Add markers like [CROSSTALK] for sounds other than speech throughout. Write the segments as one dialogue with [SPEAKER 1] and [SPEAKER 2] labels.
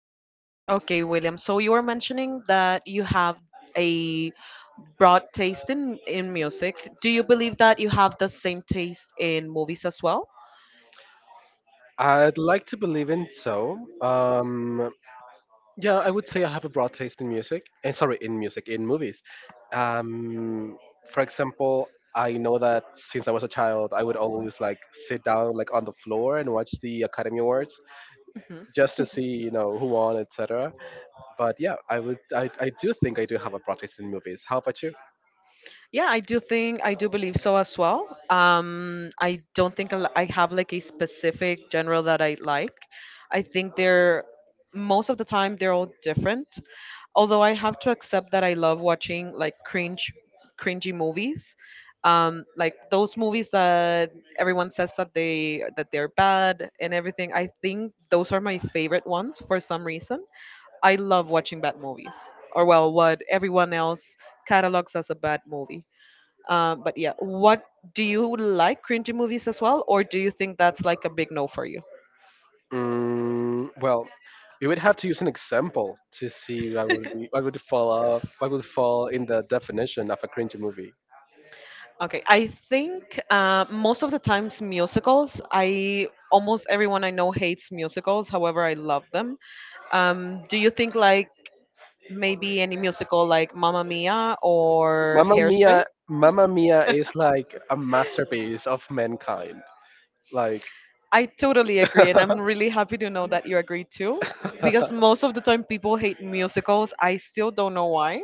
[SPEAKER 1] And okay, William, so you were mentioning that you have a broad taste in, music. Do you believe that you have the same taste in movies as well?
[SPEAKER 2] I'd like to believe in so. Yeah, I would say I have a broad taste in music. And sorry, in music, in movies. Um, for example, I know that since I was a child, I would always like sit down like on the floor and watch the Academy Awards
[SPEAKER 1] Mm-hmm.
[SPEAKER 2] just to see, you know, who won, etc. But yeah, I do think I do have a broad taste in movies. How about you?
[SPEAKER 1] Yeah, I do think I do believe so as well. I don't think I have like a specific genre that I like. I think they're most of the time they're all different. Although I have to accept that I love watching like cringy movies. Like those movies that everyone says that they're bad and everything. I think those are my favorite ones for some reason. I love watching bad movies, or well, what everyone else catalogs as a bad movie. But yeah, what do you like cringy movies as well, or do you think that's like a big no for you?
[SPEAKER 2] Mm, well, we would have to use an example to see what would be, what would fall off, what would fall in the definition of a cringy movie.
[SPEAKER 1] Okay, I think most of the times musicals. I Almost everyone I know hates musicals. However, I love them. Do you think like maybe any musical like Mamma Mia or
[SPEAKER 2] Mamma
[SPEAKER 1] Hairspring?
[SPEAKER 2] Mia, Mamma Mia is like a masterpiece of mankind. Like
[SPEAKER 1] I totally
[SPEAKER 2] [LAUGHS] they're
[SPEAKER 1] agree, and I'm really happy to know that you agree too. Because most of the time people hate musicals, I still don't know why.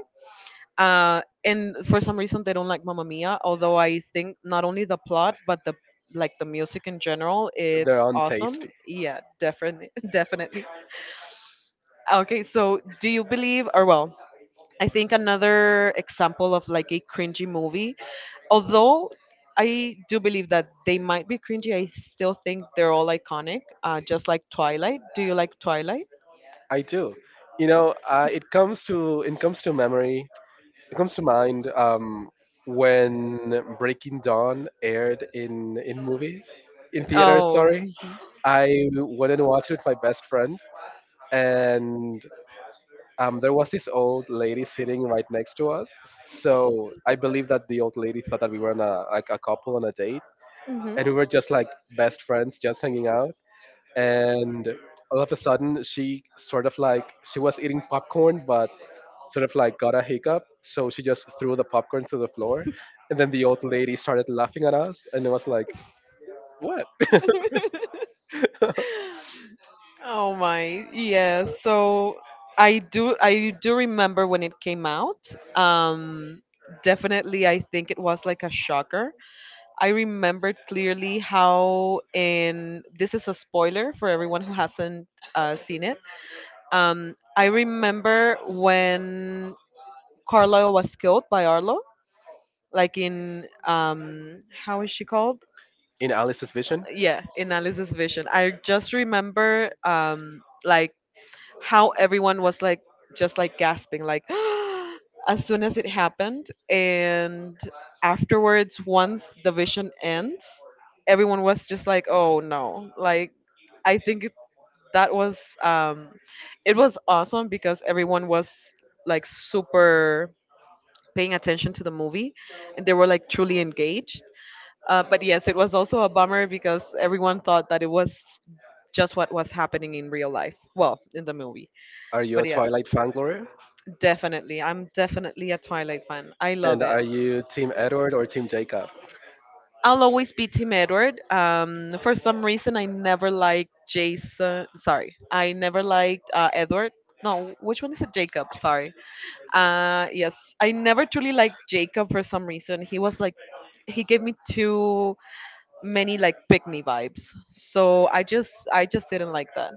[SPEAKER 1] And for some reason they don't like Mamma Mia. Although I think not only the plot but the like the music in general, it's awesome.
[SPEAKER 2] untasty.
[SPEAKER 1] Yeah, definitely, [LAUGHS] definitely. Okay, so do you believe, or well, I think another example of like a cringy movie, although. I do believe that they might be cringy. I still think they're all iconic, just like Twilight. Do you like Twilight?
[SPEAKER 2] I do. It comes to memory. It comes to mind when Breaking Dawn aired in movies in theaters.
[SPEAKER 1] Oh,
[SPEAKER 2] Sorry,
[SPEAKER 1] mhm.
[SPEAKER 2] I went and watched it with my best friend, and there was this old lady sitting right next to us. So I believe that the old lady thought that we were on a, like a couple on a date, and we were just like best friends, just hanging out. And all of a sudden, she was eating popcorn, but sort of like got a hiccup, so she just threw the popcorn to the floor, and then the old lady started laughing at us, and it was like, "What?"
[SPEAKER 1] Oh my, yes. So I do remember when it came out. Um Definitely I think it was like a shocker. I remembered clearly how in this is a spoiler for everyone who hasn't seen it. I remember when Carlisle was killed by Arlo, like in how is she called?
[SPEAKER 2] [LAUGHS] In Alice's vision.
[SPEAKER 1] Yeah, in Alice's vision. I just remember like how everyone was like just like gasping like [GASPS] as soon as it happened, and afterwards, once the vision ends, everyone was just like, "Oh no," like i think it- that was it was awesome because everyone was like super paying attention to the movie and they were like truly engaged. But yes, it was also a bummer because everyone thought that it was just what was happening in real life. Well, in the movie.
[SPEAKER 2] Are you a
[SPEAKER 1] But yeah,
[SPEAKER 2] Twilight fan, Gloria?
[SPEAKER 1] definitely. I'm definitely a Twilight fan. I love
[SPEAKER 2] And
[SPEAKER 1] it.
[SPEAKER 2] are you Team Edward or Team Jacob?
[SPEAKER 1] I'll always be Team Edward. For some reason, I never liked Jason. Sorry, I never liked Edward. No, which one is it? Jacob. Sorry. Yes, I never truly liked Jacob for some reason. He was like, he gave me two many like pick me vibes. So I just didn't like that.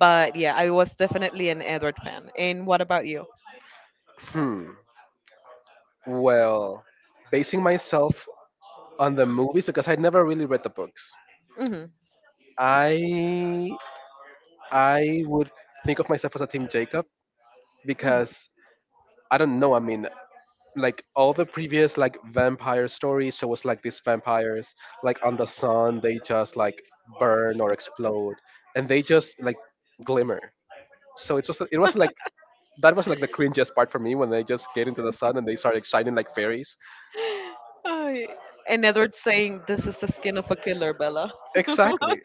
[SPEAKER 1] But yeah, I was definitely an Edward fan. And what about you?
[SPEAKER 2] Hmm. Well, basing myself on the movies because I never really read the books.
[SPEAKER 1] Hmm.
[SPEAKER 2] I I would think of myself as a Team Jacob
[SPEAKER 1] Hmm.
[SPEAKER 2] because I don't know. I mean, like all the previous like vampire stories, so it was like these vampires like on the sun, they just like burn or explode, and they just like glimmer. It was like that was like the cringiest part for me when they just get into the sun and they start like, shining like fairies.
[SPEAKER 1] Oh, and Edward saying, "This is the skin of a killer, Bella."
[SPEAKER 2] Exactly.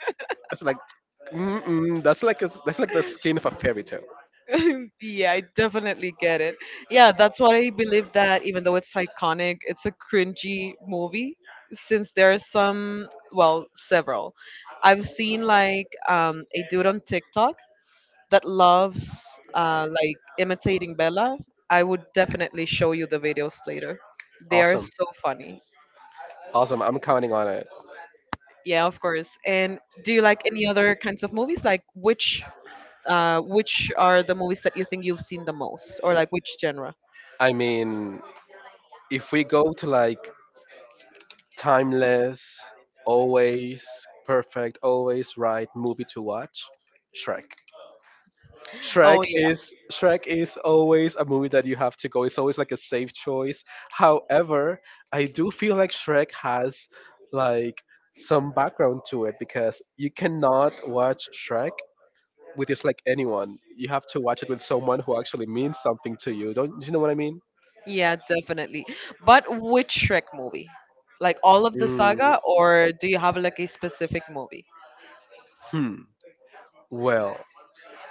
[SPEAKER 2] It's like, mm-mm, that's like the skin of a fairy tale.
[SPEAKER 1] [LAUGHS] Yeah, I definitely get it. Yeah, that's why I believe that even though it's iconic, it's a cringy movie since there are some, well, several. I've seen like a dude on TikTok that loves like imitating Bella. I would definitely show you the videos later. They are
[SPEAKER 2] Awesome,
[SPEAKER 1] so funny.
[SPEAKER 2] awesome. I'm counting on it.
[SPEAKER 1] Yeah, of course. And do you like any other kinds of movies? Like which are the movies that you think you've seen the most, or like which genre?
[SPEAKER 2] I mean, if we go to like timeless, always perfect, always right movie to watch, Shrek.
[SPEAKER 1] Oh.
[SPEAKER 2] Shrek is always a movie that you have to go. It's always like a safe choice. However, I do feel like Shrek has like some background to it because you cannot watch Shrek with just like anyone. You have to watch it with someone who actually means something to you. Don't you know what I mean?
[SPEAKER 1] Yeah, definitely. But which Shrek movie? Like all of the
[SPEAKER 2] Mm,
[SPEAKER 1] saga, or do you have like a specific movie?
[SPEAKER 2] hmm. Well,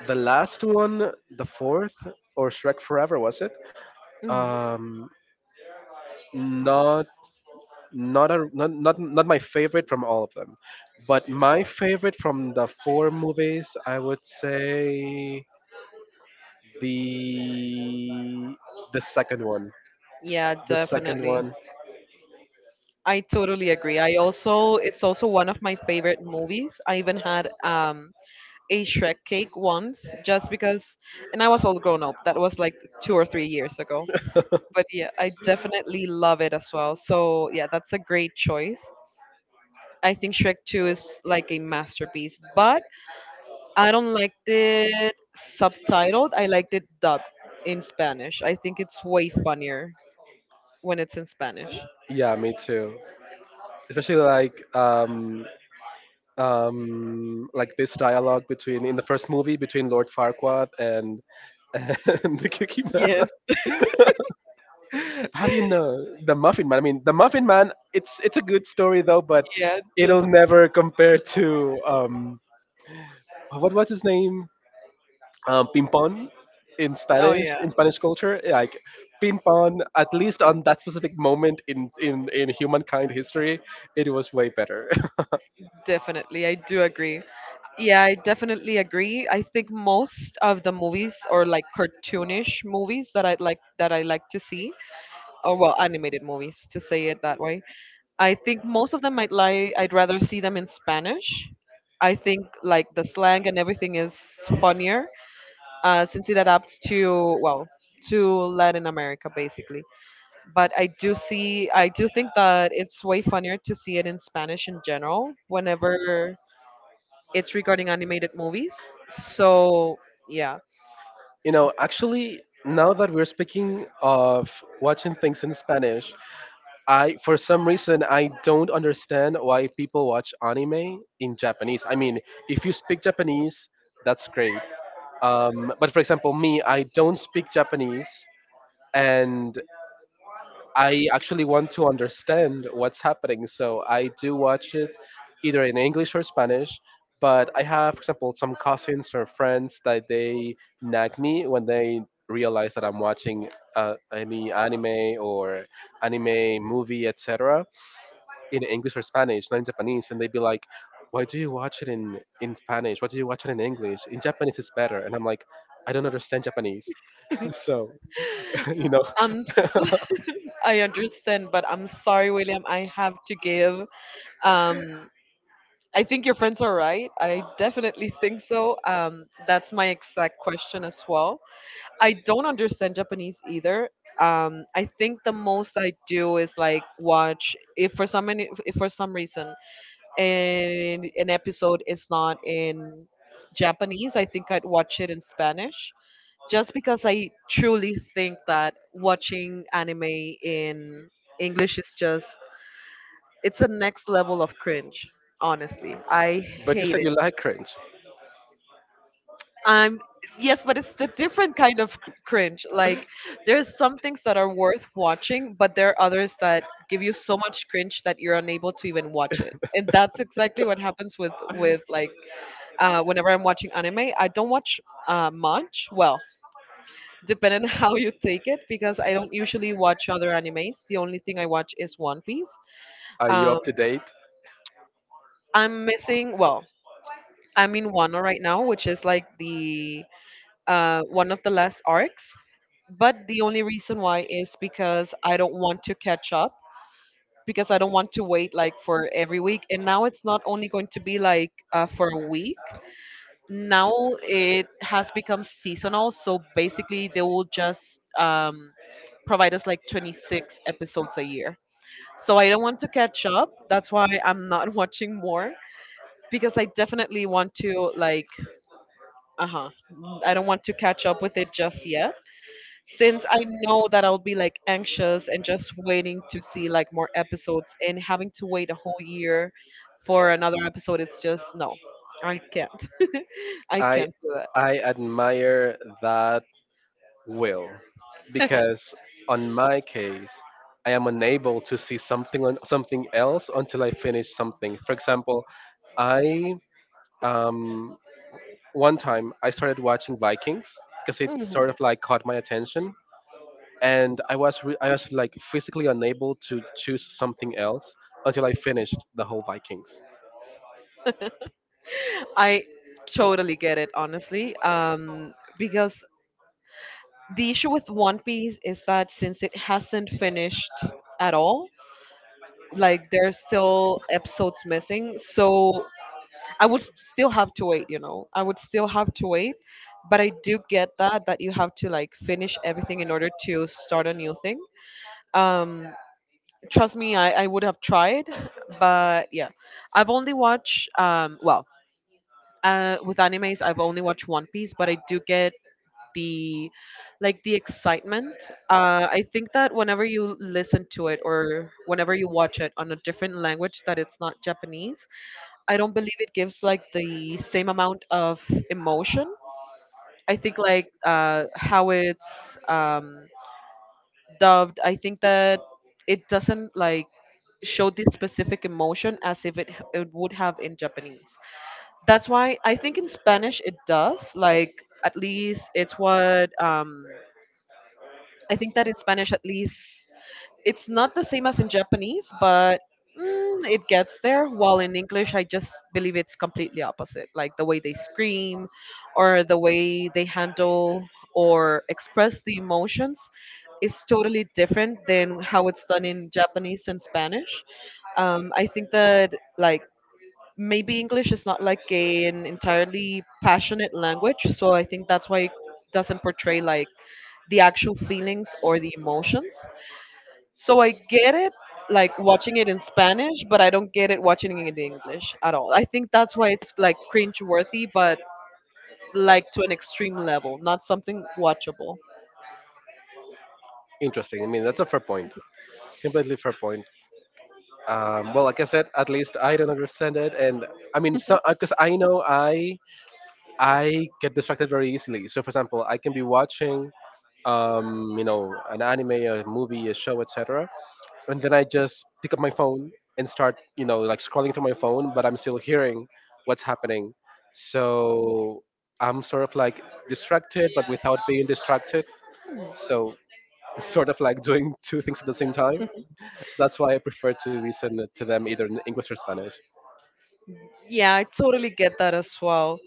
[SPEAKER 2] the last one, the fourth or Shrek Forever was it?
[SPEAKER 1] Hmm.
[SPEAKER 2] Um, not not a not, not not my favorite from all of them but my favorite from the four movies I would say the the second one,
[SPEAKER 1] Yeah,
[SPEAKER 2] the second
[SPEAKER 1] definitely.
[SPEAKER 2] one.
[SPEAKER 1] I totally agree. I also, it's also one of my favorite movies. I even had a Shrek cake once just because, and I was all grown up. That was like 2 or 3 years ago. But yeah, I definitely love it as well. So yeah, that's a great choice. I think Shrek 2 is like a masterpiece. But I don't like it subtitled. I liked it dubbed in Spanish. I think it's way funnier when it's in Spanish.
[SPEAKER 2] Yeah, me too, especially like this dialogue between in the first movie between Lord Farquaad and [LAUGHS] and the cookie man.
[SPEAKER 1] Yes,
[SPEAKER 2] [LAUGHS] Have you know the muffin man, I mean the muffin man, it's a good story though, but
[SPEAKER 1] yeah,
[SPEAKER 2] it'll
[SPEAKER 1] definitely.
[SPEAKER 2] never compare to what was his name? Pimpon in
[SPEAKER 1] Oh
[SPEAKER 2] Spanish,
[SPEAKER 1] yeah,
[SPEAKER 2] culture, like Pimpon. At least on that specific moment in in humankind history, it was way better.
[SPEAKER 1] definitely. I do agree. Yeah, I definitely agree. I think most of the movies or like cartoonish movies that I like to see, or well, animated movies to say it that way. I think most of them I'd like. I'd rather see them in Spanish. I think like the slang and everything is funnier since it adapts to well to Latin America basically. But I do think that it's way funnier to see it in Spanish in general whenever it's regarding animated movies. So yeah,
[SPEAKER 2] [LAUGHS] You know, actually. Now that we're speaking of watching things in Spanish, I for some reason I don't understand why people watch anime in Japanese. I mean, if you speak Japanese, that's great. But for example, me, I don't speak Japanese, and I actually want to understand what's happening, so I do watch it either in English or Spanish. But I have, for example, some cousins or friends that they nag me when they realize that I'm watching any anime or anime movie, etc., in English or Spanish, not in Japanese, and they'd be like, "Why do you watch it in Spanish? Why do you watch it in English? In Japanese, it's better." And I'm like, "I don't understand Japanese, [LAUGHS] so [LAUGHS] you know."
[SPEAKER 1] I'm s-
[SPEAKER 2] [LAUGHS]
[SPEAKER 1] [LAUGHS] I understand, but I'm sorry, William. I have to give. Um, I think your friends are right. I definitely think so. That's my exact question as well. I don't understand Japanese either. I think the most I do is like watch if for some reason an episode is not in Japanese. I think I'd watch it in Spanish just because I truly think that watching anime in English is just it's a next level of cringe. Honestly, I
[SPEAKER 2] But you
[SPEAKER 1] hate
[SPEAKER 2] said
[SPEAKER 1] it.
[SPEAKER 2] you like cringe.
[SPEAKER 1] I'm Yes, but it's the different kind of cringe. Like there's some things that are worth watching, but there are others that give you so much cringe that you're unable to even watch it. And that's exactly what happens with like whenever I'm watching anime, I don't watch much. Well, depending [LAUGHS] on how you take it, because I don't usually watch other animes. The only thing I watch is One Piece.
[SPEAKER 2] Are you
[SPEAKER 1] Um,
[SPEAKER 2] up to date?
[SPEAKER 1] I'm missing well. I'm in Wano right now, which is like the one of the last arcs. But the only reason why is because I don't want to catch up because I don't want to wait like for every week. And now it's not only going to be like for a week. Now it has become seasonal. So basically, they will just provide us like 26 episodes a year. So I don't want to catch up. That's why I'm not [LAUGHS] watching more because I definitely want to like uh huh. I don't want to catch up with it just yet since I know that I'll be like anxious and just waiting to see like more episodes, and having to wait a whole year for another episode, it's just no, I can't. [LAUGHS] I
[SPEAKER 2] I
[SPEAKER 1] can't do
[SPEAKER 2] I admire that, will,
[SPEAKER 1] that. [LAUGHS]
[SPEAKER 2] because on my case, I am unable to see something on something else until I finish something. For example, I um, one time I started watching Vikings because it
[SPEAKER 1] Mhm.
[SPEAKER 2] sort of like caught my attention, and I was like physically unable to choose something else until I finished the whole Vikings.
[SPEAKER 1] I totally get it, honestly. Because the issue with One Piece is that since it hasn't finished at all, like there's still episodes missing, so I would still have to wait, I would still have to wait, but I do get that you have to like finish everything in order to start a new thing. Um, Trust me, I would have tried, [LAUGHS] but yeah, I've only watched well with animes I've only watched One Piece, but I do get the like the excitement. I think that whenever you listen to it or whenever you watch it on a different language that it's not Japanese, I don't believe it gives like the same amount of emotion. I think like how it's dubbed. I think that it doesn't like show this specific emotion as if it would have in Japanese. That's why I think in Spanish it does. Like at least it's what I think that in Spanish, at least, it's not the same as in Japanese, but mm, it gets there. While in English, I just believe it's completely opposite. Like the way they scream or the way they handle or express the emotions is totally different than how it's done in Japanese and Spanish. I think that, like, maybe English is not like an entirely passionate language, so I think that's why it doesn't portray like the actual feelings or the emotions. So I get it like watching it in Spanish, but I don't get it watching it in English at all. I think that's why it's like cringe worthy, but like to an extreme level, not something watchable.
[SPEAKER 2] Interesting. I mean, that's a fair point. Completely fair point. Well like I said, at least I don't understand it, and I mean, so because I know I get distracted very easily. So for example, I can be watching you know, an anime, a movie, a show, etc., and then I just pick up my phone and start, you know, like scrolling through my phone, but I'm still hearing what's happening. So I'm sort of like distracted but without being distracted. So [LAUGHS] sort of like doing two things at the same time. That's why I prefer to listen to them either in English or Spanish.
[SPEAKER 1] Yeah, I totally get that as well.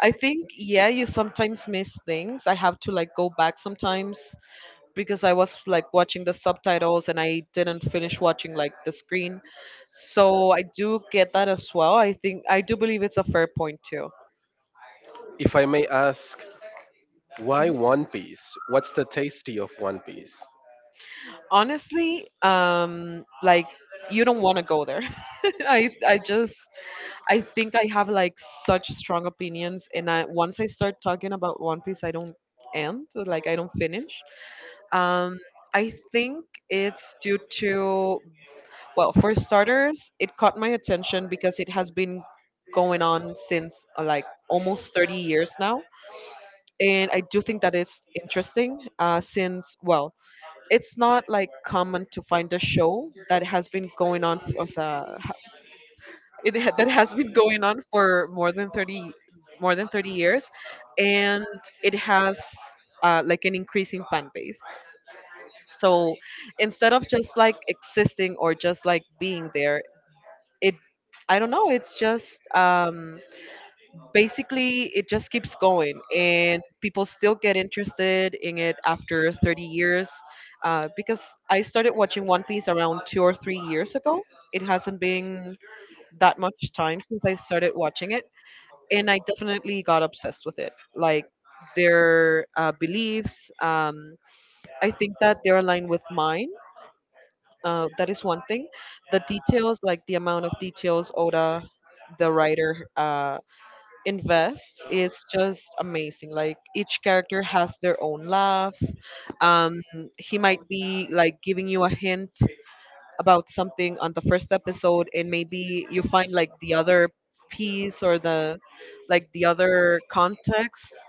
[SPEAKER 1] I think yeah, you sometimes miss things. I have to like go back sometimes because I was like watching the subtitles and I didn't finish watching like the screen. So I do get that as well. I think I do believe it's a fair point too.
[SPEAKER 2] If I may ask, why
[SPEAKER 1] Mhm.
[SPEAKER 2] One Piece? What's the tasty of One Piece?
[SPEAKER 1] Honestly, like, you don't want to go there. [LAUGHS] I just, I think I have like such strong opinions and I once I start talking about One Piece, I don't end. So like, I don't finish. um I think it's due to, well, for starters, it caught my attention because it has been going on since like almost 30 years now. And I do think that it's interesting, since, well, it's not like common to find a show that has been going on for, o sea, that has been going on for more than 30 years. And it has like an increasing fan base. So instead of just like existing or just like being there, it I don't know, it's just, basically, it just keeps going and people still get interested in it after 30 years. Because I started watching One Piece around 2 or 3 years ago. It hasn't been that much time since I started watching it, and I definitely got obsessed with it. Like their beliefs, I think that they're aligned with mine. That is one thing. The details, like the amount of details Oda, the writer, invest is just amazing. Like each character has their own laugh. Um, he might be like giving you a hint about something on the first episode, and maybe you find like the other piece or the like the other context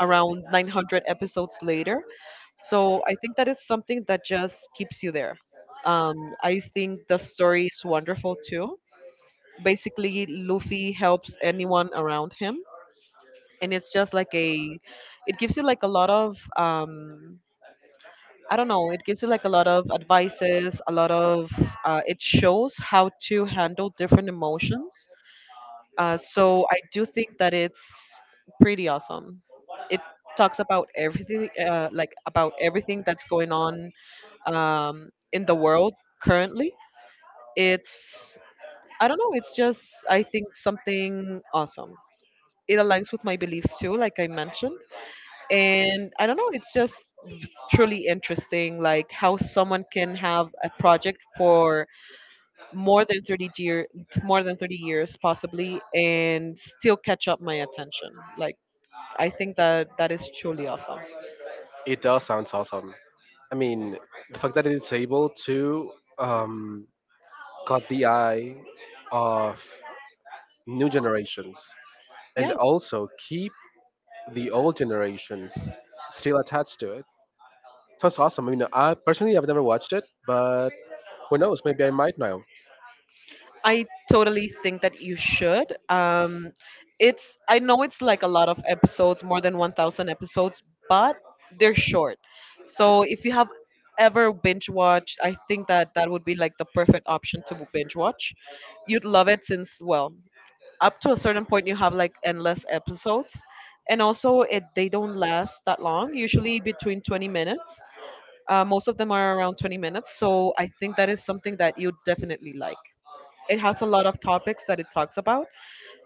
[SPEAKER 1] around 900 episodes later. So I think that it's something that just keeps you there. I think the story is wonderful too. Basically, Luffy helps anyone around him, and it's just like a it gives you like a lot of I don't know, it gives you like a lot of advices, a lot of it shows how to handle different emotions. So I do think that it's pretty awesome. It talks about everything, like about everything that's going on, in the world currently. It's I don't know, it's just, I think, something awesome. It aligns with my beliefs too, like I mentioned. And I don't know, it's just truly interesting like how someone can have a project for more than 30 year more than 30 years possibly and still catch up my attention. Like I think that that is truly awesome.
[SPEAKER 2] It does sound awesome. I mean, the fact that it's able to um, cut the eye of new generations and
[SPEAKER 1] Yeah,
[SPEAKER 2] also keep the old generations still attached to it. Sounds awesome. I mean, I personally have never watched it, but who knows? Maybe I might now.
[SPEAKER 1] I totally think that you should. It's, I know it's like a lot of episodes, more than 1,000 episodes, but they're short. So if you have ever binge watched, I think that that would be like the perfect option to binge watch. You'd love it since, well, up to a certain point you have like endless episodes, and also it they don't last that long. Usually between 20 minutes. Most of them are around 20 minutes, so I think that is something that you definitely like. It has a lot of topics that it talks about,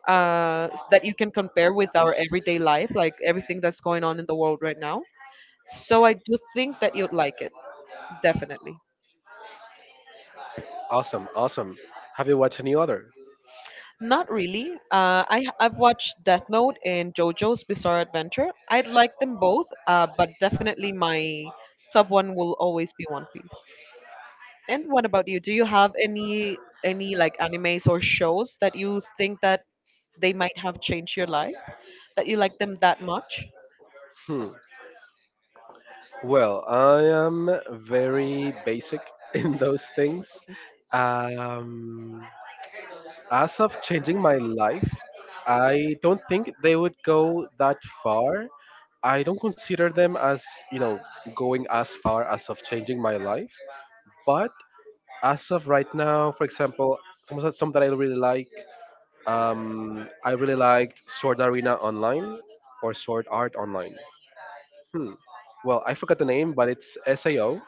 [SPEAKER 1] that you can compare with our everyday life, like everything that's going on in the world right now. So I do think that you'd like it, definitely.
[SPEAKER 2] Awesome, awesome. Have you watched any other?
[SPEAKER 1] Not really. I've watched Death Note and JoJo's Bizarre Adventure. I'd like them both, but definitely my top one will always be One Piece. And what about you? Do you have any like animes or shows that you think that they might have changed your life, that you like them that much?
[SPEAKER 2] Hmm. Well, I am very basic [LAUGHS] in those things. Um, as of changing my life, I don't think they would go that far. I don't consider them as, you know, going as far as of changing my life. But as of right now, for example, some that I really like, I really liked Sword Arena Online or Sword Art Online. Hmm. Well, I forgot the name, but it's SAO.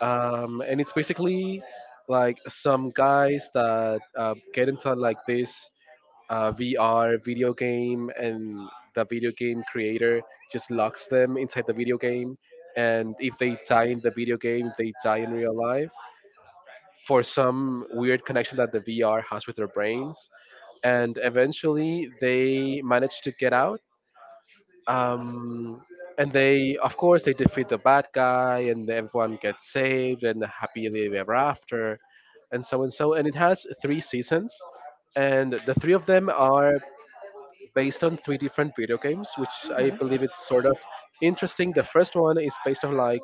[SPEAKER 2] And it's basically like some guys that get into like this VR video game, and the video game creator just locks them inside the video game, and if they die in the video game, they die in real life for some weird connection that the VR has with their brains, and eventually they manage to get out, um, and they, of course, they defeat the bad guy and everyone gets saved and happily ever after, and so and so. And it has three seasons, and the three of them are based on three different video games, which I believe it's sort of interesting. The first one is based on like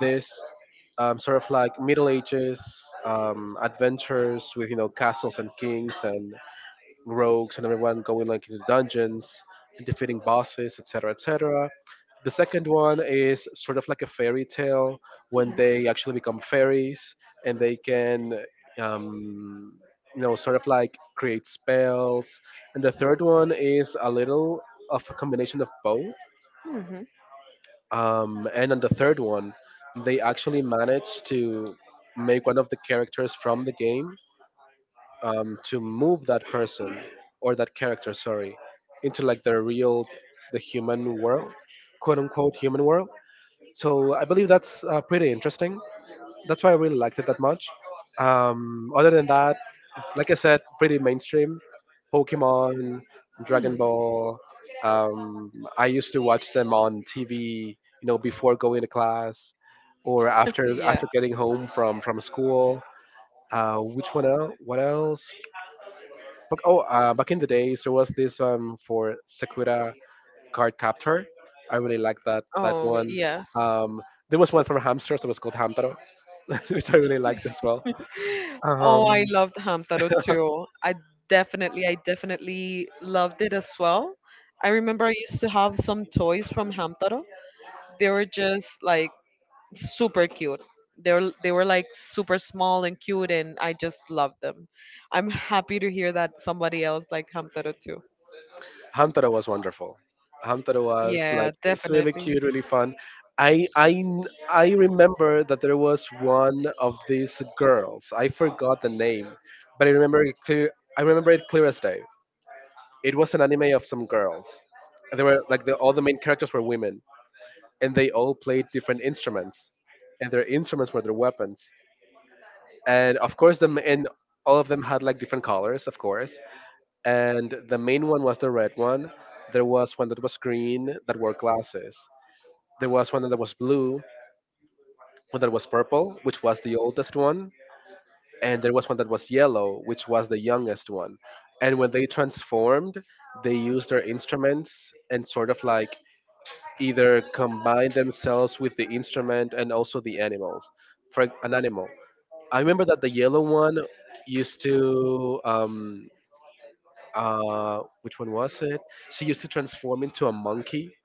[SPEAKER 2] this sort of like middle ages adventures with, you know, castles and kings and rogues and everyone going like into dungeons and defeating bosses, etc., etc. The second one is sort of like a fairy tale when
[SPEAKER 1] Mhm.
[SPEAKER 2] they actually become fairies and they can, um, you know, sort of like create spells. And the third one is a little of a combination of both.
[SPEAKER 1] Mhm.
[SPEAKER 2] And on the third one, they actually managed to make one of the characters from the game to move that person or that character, sorry, into like the real, the human world, quote unquote human world. So I believe that's pretty interesting. That's why I really liked it that much. Other than that, like I said, pretty mainstream. Pokemon, Dragon
[SPEAKER 1] Mhm.
[SPEAKER 2] Ball. Um, I used to watch them on TV, you know, before going to class or after
[SPEAKER 1] Yeah.
[SPEAKER 2] after getting home from school. Which one else? What else? But oh, back in the days, there was this for Sakura card captor. I really liked that
[SPEAKER 1] Oh,
[SPEAKER 2] one.
[SPEAKER 1] yes.
[SPEAKER 2] Um, there was one from hamsters that was called Hamtaro, [LAUGHS] which I really liked as well. Um,
[SPEAKER 1] Oh, I loved Hamtaro too. I Definitely, I definitely loved it as well. I remember I used to have some toys from Hamtaro. They were just like super cute. They were like super small and cute, and I just loved them. I'm happy to hear that somebody else like Hamtaro too.
[SPEAKER 2] Hamtaro was wonderful. Hamtaro was
[SPEAKER 1] Yeah,
[SPEAKER 2] like it's really
[SPEAKER 1] definitely.
[SPEAKER 2] cute, really fun. I remember that there was one of these girls. I forgot the name, but I remember it clear. I remember it clear as day. It was an anime of some girls. And they were like the all the main characters were women, and they all played different instruments, and their instruments were their weapons. And all of them had like different colors, of course. And the main one was the red one. There was one that was green that wore glasses. There was one that was blue, one that was purple, which was the oldest one, and there was one that was yellow, which was the youngest one. And when they transformed, they used their instruments and sort of like either combine themselves with the instrument and also the animals. For an animal, I remember that the yellow one used to which one was it? She used to transform into a monkey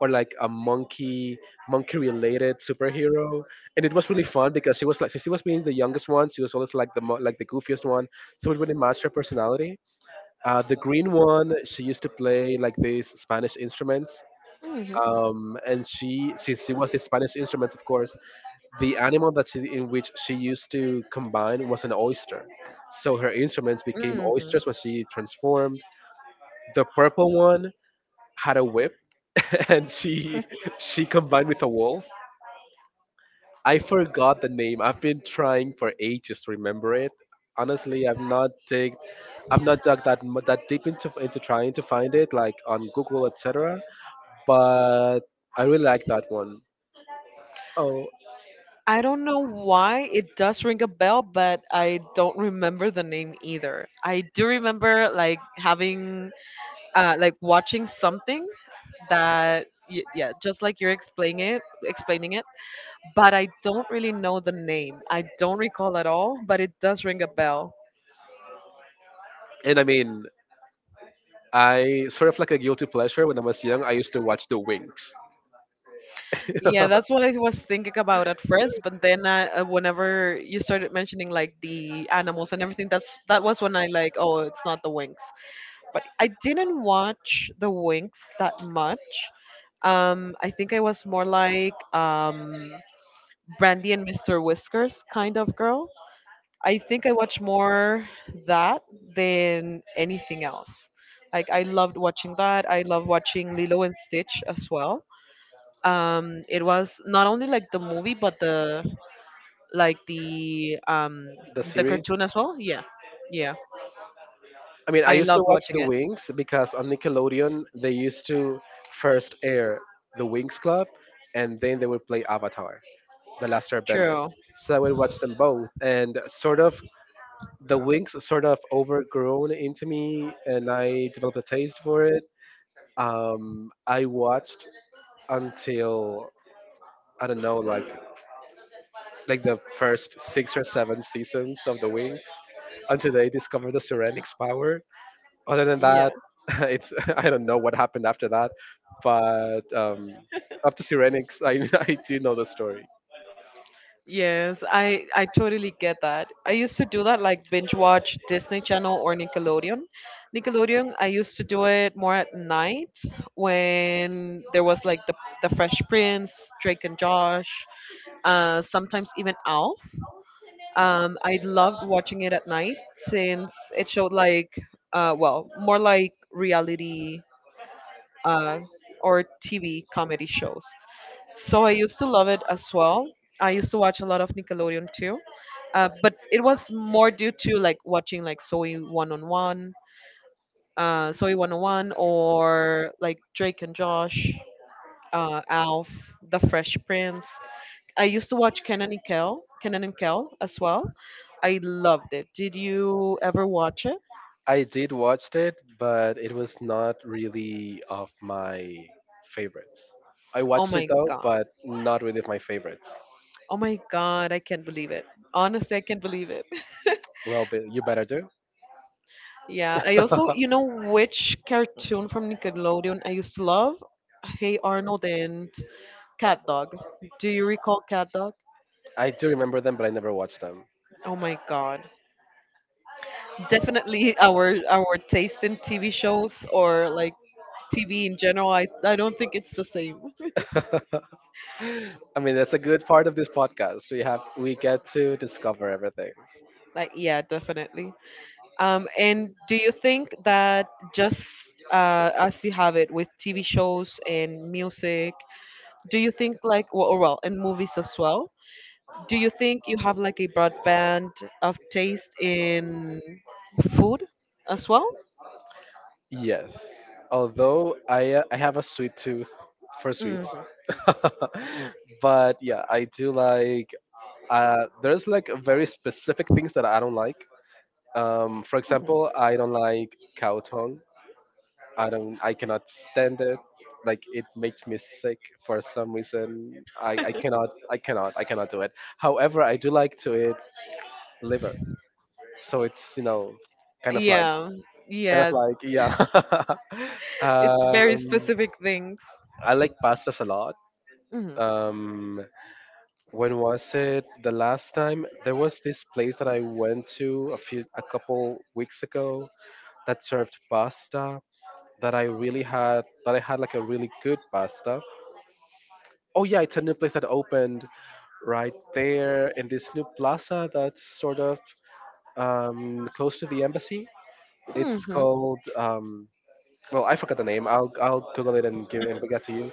[SPEAKER 2] or like a monkey related superhero, and it was really fun because she was like since she was being the youngest one, she was always like the like the goofiest one, so it really matched her personality. The green one, she used to play like these Spanish instruments.
[SPEAKER 1] Hmm.
[SPEAKER 2] And she since she was the Spanish instruments, of course, the animal that in which she used to combine was an oyster. So her instruments became
[SPEAKER 1] Hmm.
[SPEAKER 2] oysters when she transformed. The purple one had a whip, [LAUGHS] and she combined with a wolf. I forgot the name. I've been trying for ages to remember it. Honestly, I've not dug that that deep into trying to find it, like on Google, etc., but I really like that one. Oh,
[SPEAKER 1] I don't know why it does ring a bell, but I don't remember the name either. I do remember like having, like watching something that yeah, just like you're explaining it. But I don't really know the name. I don't recall at all, but it does ring a bell.
[SPEAKER 2] and I mean, I sort of like a guilty pleasure when I was young. I used to watch The Wings,
[SPEAKER 1] Yeah, that's what I was thinking about at first, but then whenever you started mentioning like the animals and everything, that was when I like, oh, it's not the Winx. But I didn't watch the Winx that much. I think I was more like Brandy and Mr. Whiskers kind of girl. I think I watch more that than anything else. Like I loved watching that. I love watching Lilo and Stitch as well. It was not only like the movie, but the like
[SPEAKER 2] [LAUGHS] the
[SPEAKER 1] the
[SPEAKER 2] series.
[SPEAKER 1] cartoon as well. Yeah, yeah.
[SPEAKER 2] I mean, I
[SPEAKER 1] I
[SPEAKER 2] used to
[SPEAKER 1] loved
[SPEAKER 2] watch
[SPEAKER 1] watching
[SPEAKER 2] The
[SPEAKER 1] it.
[SPEAKER 2] Wings because on Nickelodeon, they used to first air The Wings Club, and then they would play Avatar: The Last Airbender.
[SPEAKER 1] True.
[SPEAKER 2] So I would watch them both, and sort of the Winx sort of overgrown into me, and I developed a taste for it. I watched until I don't know, like the first six or seven seasons of the Winx, until they discover the Serenix power. Other than
[SPEAKER 1] Yeah.
[SPEAKER 2] that, [LAUGHS] it's [LAUGHS] I don't know what happened after that, but up to Serenix, I [LAUGHS] I do know the story.
[SPEAKER 1] Yes, I totally get that. I used to do that, like binge watch Disney Channel or Nickelodeon. Nickelodeon, I used to do it more at night when there was like the Fresh Prince, Drake and Josh, uh, sometimes even Alf. I loved watching it at night since it showed like well, more like reality, uh or TV comedy shows. So I used to love it as well. I used to watch a lot of Nickelodeon too, but it was more due to like watching like Soy One on One, or like Drake and Josh, Alf, The Fresh Prince. I used to watch Kenan and Kel as well. I loved it. Did you ever watch it?
[SPEAKER 2] I did watch it, but it was not really of my favorites. I
[SPEAKER 1] Oh
[SPEAKER 2] watched it
[SPEAKER 1] my
[SPEAKER 2] though,
[SPEAKER 1] god!
[SPEAKER 2] but not really of my favorites.
[SPEAKER 1] Oh my god! I can't believe it. Honestly, I can't believe it.
[SPEAKER 2] Well, but you better do.
[SPEAKER 1] Yeah, I also, you know, which cartoon from Nickelodeon I used to love? Hey Arnold and Cat Dog. Do you recall Cat Dog?
[SPEAKER 2] I do remember them, but I never watched them.
[SPEAKER 1] Oh my God. Definitely our taste in TV shows or like TV in general, I don't think it's the same.
[SPEAKER 2] [LAUGHS] I mean, that's a good part of this podcast. We get to discover everything.
[SPEAKER 1] Like yeah, definitely. And do you think that just as you have it with TV shows and music, do you think like well, and movies as well? Do you think you have like a broad band of taste in food as well?
[SPEAKER 2] Yes. Although I have a sweet tooth for
[SPEAKER 1] Hmm.
[SPEAKER 2] sweets. [LAUGHS] But yeah, I do like, there's like very specific things that I don't like. For example, I don't like cow tongue. I don't. I cannot stand it. Like it makes me sick for some reason. I cannot. I cannot. I cannot do it. However, I do like to eat liver. So it's, you know, kind of like
[SPEAKER 1] Yeah, yeah.
[SPEAKER 2] yeah. [LAUGHS]
[SPEAKER 1] It's very
[SPEAKER 2] um,
[SPEAKER 1] specific things.
[SPEAKER 2] I like pastas a lot.
[SPEAKER 1] Hmm.
[SPEAKER 2] Um, when was it the last time? There was this place that I went to a couple weeks ago that served pasta that I really had that I had like a really good pasta. Oh yeah, it's a new place that opened right there in this new plaza that's sort of close to the embassy. It's
[SPEAKER 1] Hmm.
[SPEAKER 2] called well, I forgot the name. I'll Google it and get to you.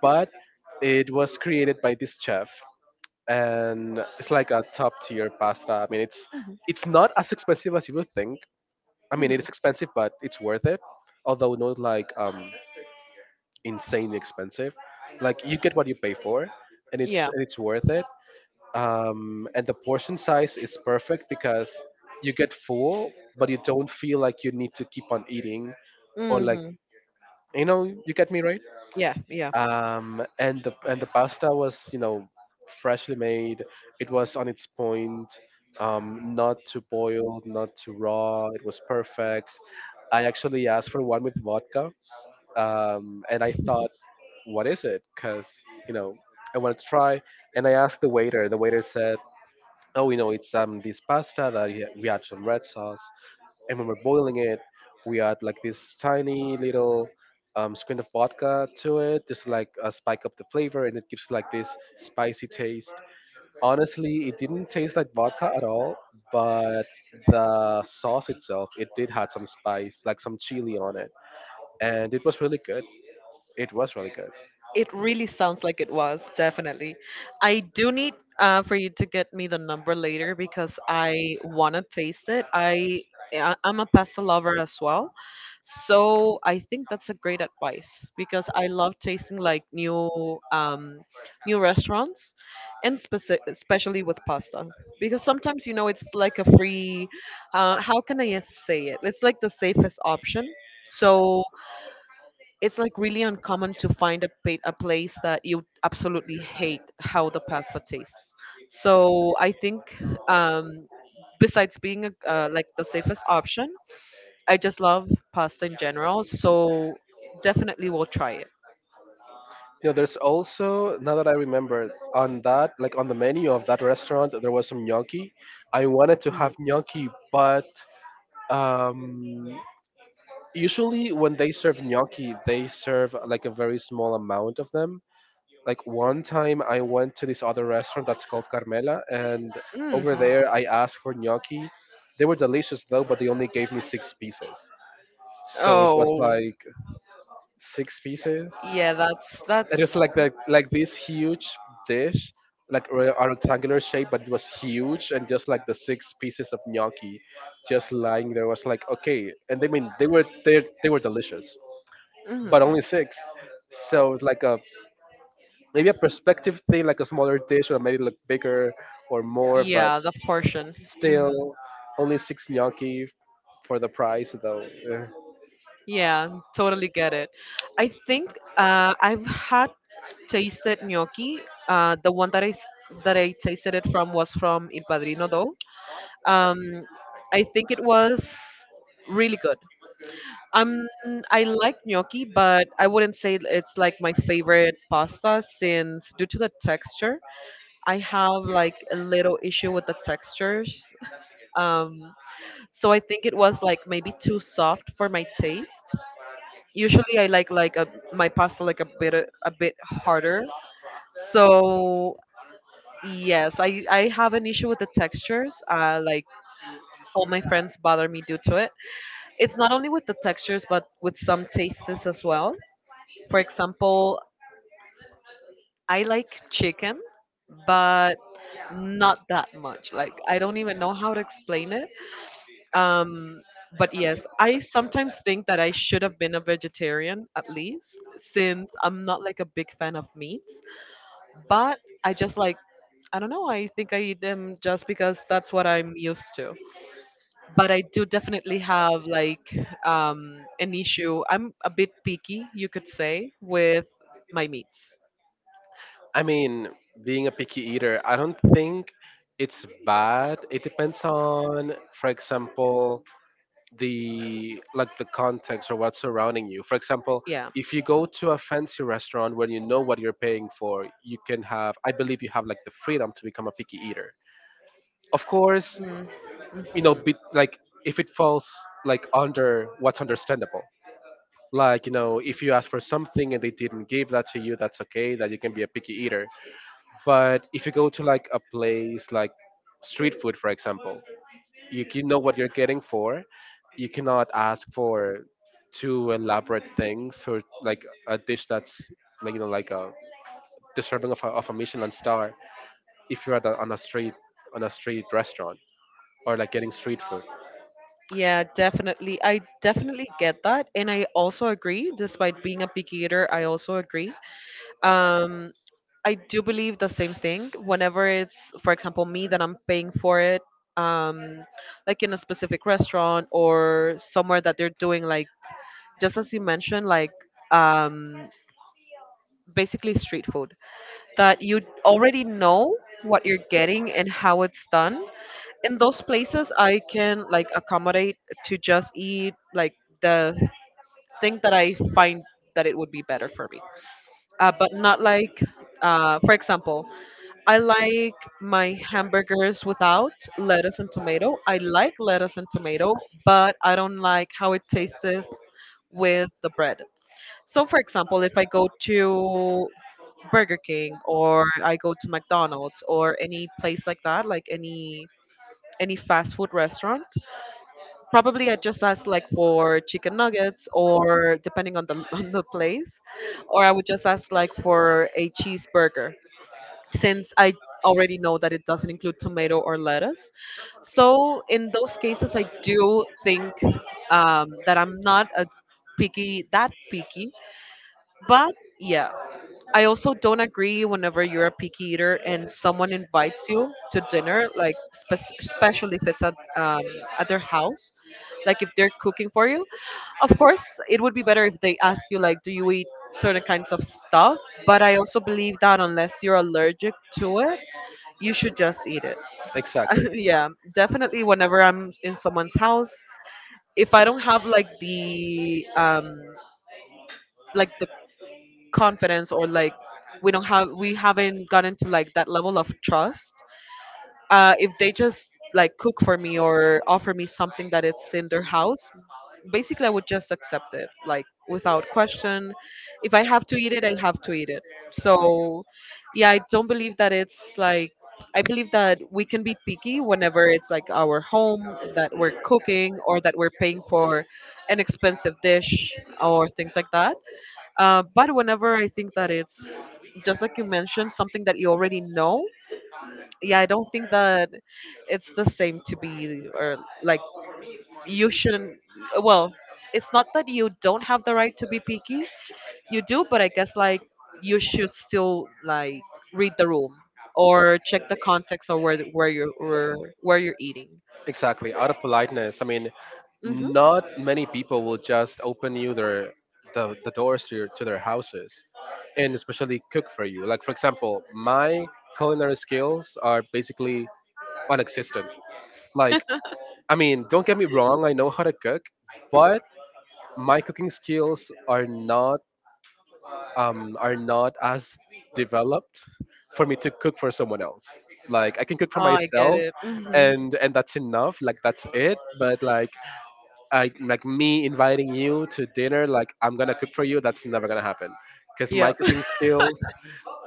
[SPEAKER 2] But it was created by this chef, and it's like a top tier pasta. I mean,
[SPEAKER 1] Hmm.
[SPEAKER 2] it's not as expensive as you would think. I mean, it
[SPEAKER 1] Hmm.
[SPEAKER 2] is expensive, but it's worth it. Although not like insanely expensive. Like you get what you pay for,
[SPEAKER 1] Yeah.
[SPEAKER 2] and it's worth it. And the portion size is perfect because you get full, but you don't feel like you need to keep on eating or like,
[SPEAKER 1] Hmm.
[SPEAKER 2] you know, you get me right.
[SPEAKER 1] Yeah, yeah.
[SPEAKER 2] And the pasta was, you know, freshly made. It was on its point, not too boiled, not too raw. It was perfect. I actually asked for one with vodka, and I thought what is it? Because, you know, I wanted to try. And I asked the waiter said, oh, you know, it's this pasta that we add some red sauce. And when we're boiling it, we add like this tiny little squint of vodka to it, just to, spike up the flavor, and it gives like this spicy taste. Honestly, it didn't taste like vodka at all, but the sauce itself, it did had some spice, like some chili on it, and it was really good. It was really good.
[SPEAKER 1] It really sounds like it was, definitely. I do need, for you to get me the number later because I want to taste it. I'm a pasta lover as well. So I think that's a great advice because I love tasting like new, new restaurants, and especially with pasta, because sometimes you know it's like a free, how can I say it? It's like the safest option. So it's like really uncommon to find a, a place that you absolutely hate how the pasta tastes. So I think, um, besides being like the safest option, I just love pasta in general. So definitely we'll try it.
[SPEAKER 2] You know, there's also now that I remember on that, like on the menu of that restaurant, there was some gnocchi. I wanted to have gnocchi, but um, usually when they serve gnocchi, they serve like a very small amount of them. Like one time, I went to this other restaurant that's called Carmela, and over
[SPEAKER 1] Mm-hmm.
[SPEAKER 2] there, I asked for gnocchi. They were delicious though, but they only gave me six pieces. So it was
[SPEAKER 1] Oh
[SPEAKER 2] like six pieces.
[SPEAKER 1] yeah,
[SPEAKER 2] And it was
[SPEAKER 1] that's,
[SPEAKER 2] like that, like this huge dish, like a rectangular shape, but it was huge, and just like the six pieces of gnocchi, just lying there was like okay, and they mean they were they were delicious,
[SPEAKER 1] mhm.
[SPEAKER 2] but only six, so it's like a maybe a perspective thing, like a smaller dish would have made it look bigger or more, but
[SPEAKER 1] Yeah, the portion. Hmm.
[SPEAKER 2] still only six gnocchi for the price though. Eh.
[SPEAKER 1] Yeah, totally get it. I think, I've had tasted gnocchi. The one that that I tasted it from was from Il Padrino, though. Um, I think it was really good. Um, I like gnocchi, but I wouldn't say it's like my favorite pasta since, due to the texture, I have like a little issue with the textures. Um, so I think it was like maybe too soft for my taste. Usually, I like my pasta like a bit harder. So yes, I have an issue with the textures. Like all my friends bother me due to it. It's not only with the textures, but with some tastes as well. For example, I like chicken, but not that much. Like I don't even know how to explain it. Um, but yes, I sometimes think that I should have been a vegetarian at least, since I'm not like a big fan of meats. But I just like, I don't know, I think I eat them just because that's what I'm used to. But I do definitely have like, an issue. I'm a bit picky, you could say, with my meats.
[SPEAKER 2] I mean, being a picky eater, I don't think it's bad. It depends on, for example, the like the context or what's surrounding you. For example,
[SPEAKER 1] Yeah.
[SPEAKER 2] if you go to a fancy restaurant where you know what you're paying for, you can have, I believe you have like the freedom to become a picky eater. Of course, you know,
[SPEAKER 1] Mm-hmm.
[SPEAKER 2] be, like if it falls like under what's understandable. Like, you know, if you ask for something and they didn't give that to you, that's okay, that you can be a picky eater, but if you go to like a place like street food, for example, you know what you're getting for. You cannot ask for too elaborate things or like a dish that's like, you know, like a deserving of a Michelin star if you're at a, on a street restaurant or like getting street food.
[SPEAKER 1] Yeah, definitely. I definitely get that. And I also agree, despite being a picky eater, I also agree, um I do believe the same thing whenever it's, for example, me that I'm paying for it. um like in a specific restaurant or somewhere that they're doing like, just as you mentioned, like, um basically street food, that you already know what you're getting and how it's done. In those places I can like accommodate to just eat like the thing that I find that it would be better for me. But not like, for example, I like my hamburgers without lettuce and tomato. I like lettuce and tomato, but I don't like how it tastes with the bread. So, for example, if I go to Burger King or I go to McDonald's or any place like that, like any fast food restaurant, probably I just ask like for chicken nuggets or depending on the [LAUGHS] on the place, or I would just ask like for a cheeseburger, since I already know that it doesn't include tomato or lettuce. So in those cases, I do think that I'm not a picky that picky. But yeah, I also don't agree whenever you're a picky eater and someone invites you to dinner, like especially if it's at their house, like if they're cooking for you. Of course, it would be better if they ask you like, do you eat certain kinds of stuff? But I also believe that unless you're allergic to it, you should just eat it. [LAUGHS]
[SPEAKER 2] Exactly.
[SPEAKER 1] Yeah, definitely. Whenever I'm in someone's house, if I don't have like the confidence, or like we haven't gotten to like that level of trust, if they just like cook for me or offer me something that it's in their house, basically, I would just accept it like without question. If I have to eat it, I have to eat it. So yeah, I don't believe that it's like, I believe that we can be picky whenever it's like our home that we're cooking or that we're paying for an expensive dish or things like that. But whenever I think that it's just like you mentioned, something that you already know, yeah, I don't think that it's the same to be, or like you shouldn't, well, it's not that you don't have the right to be picky, you do, but I guess like you should still like read the room or check the context or where you're eating.
[SPEAKER 2] Exactly. Out of politeness. I mean,
[SPEAKER 1] Yeah. Hmm.
[SPEAKER 2] not many people will just open you their the doors to, your, to their houses and especially cook for you. Like for example, my culinary skills are basically non-existent. Like I mean, don't get me wrong. I know how to cook, but my cooking skills are not as developed for me to cook for someone else. Like I can cook for
[SPEAKER 1] Oh, I get
[SPEAKER 2] myself,
[SPEAKER 1] it. Hmm.
[SPEAKER 2] and that's enough. Like that's it. But like I like me inviting you to dinner. Like I'm gonna cook for you. That's never gonna happen because my
[SPEAKER 1] Yep.
[SPEAKER 2] cooking
[SPEAKER 1] [LAUGHS]
[SPEAKER 2] skills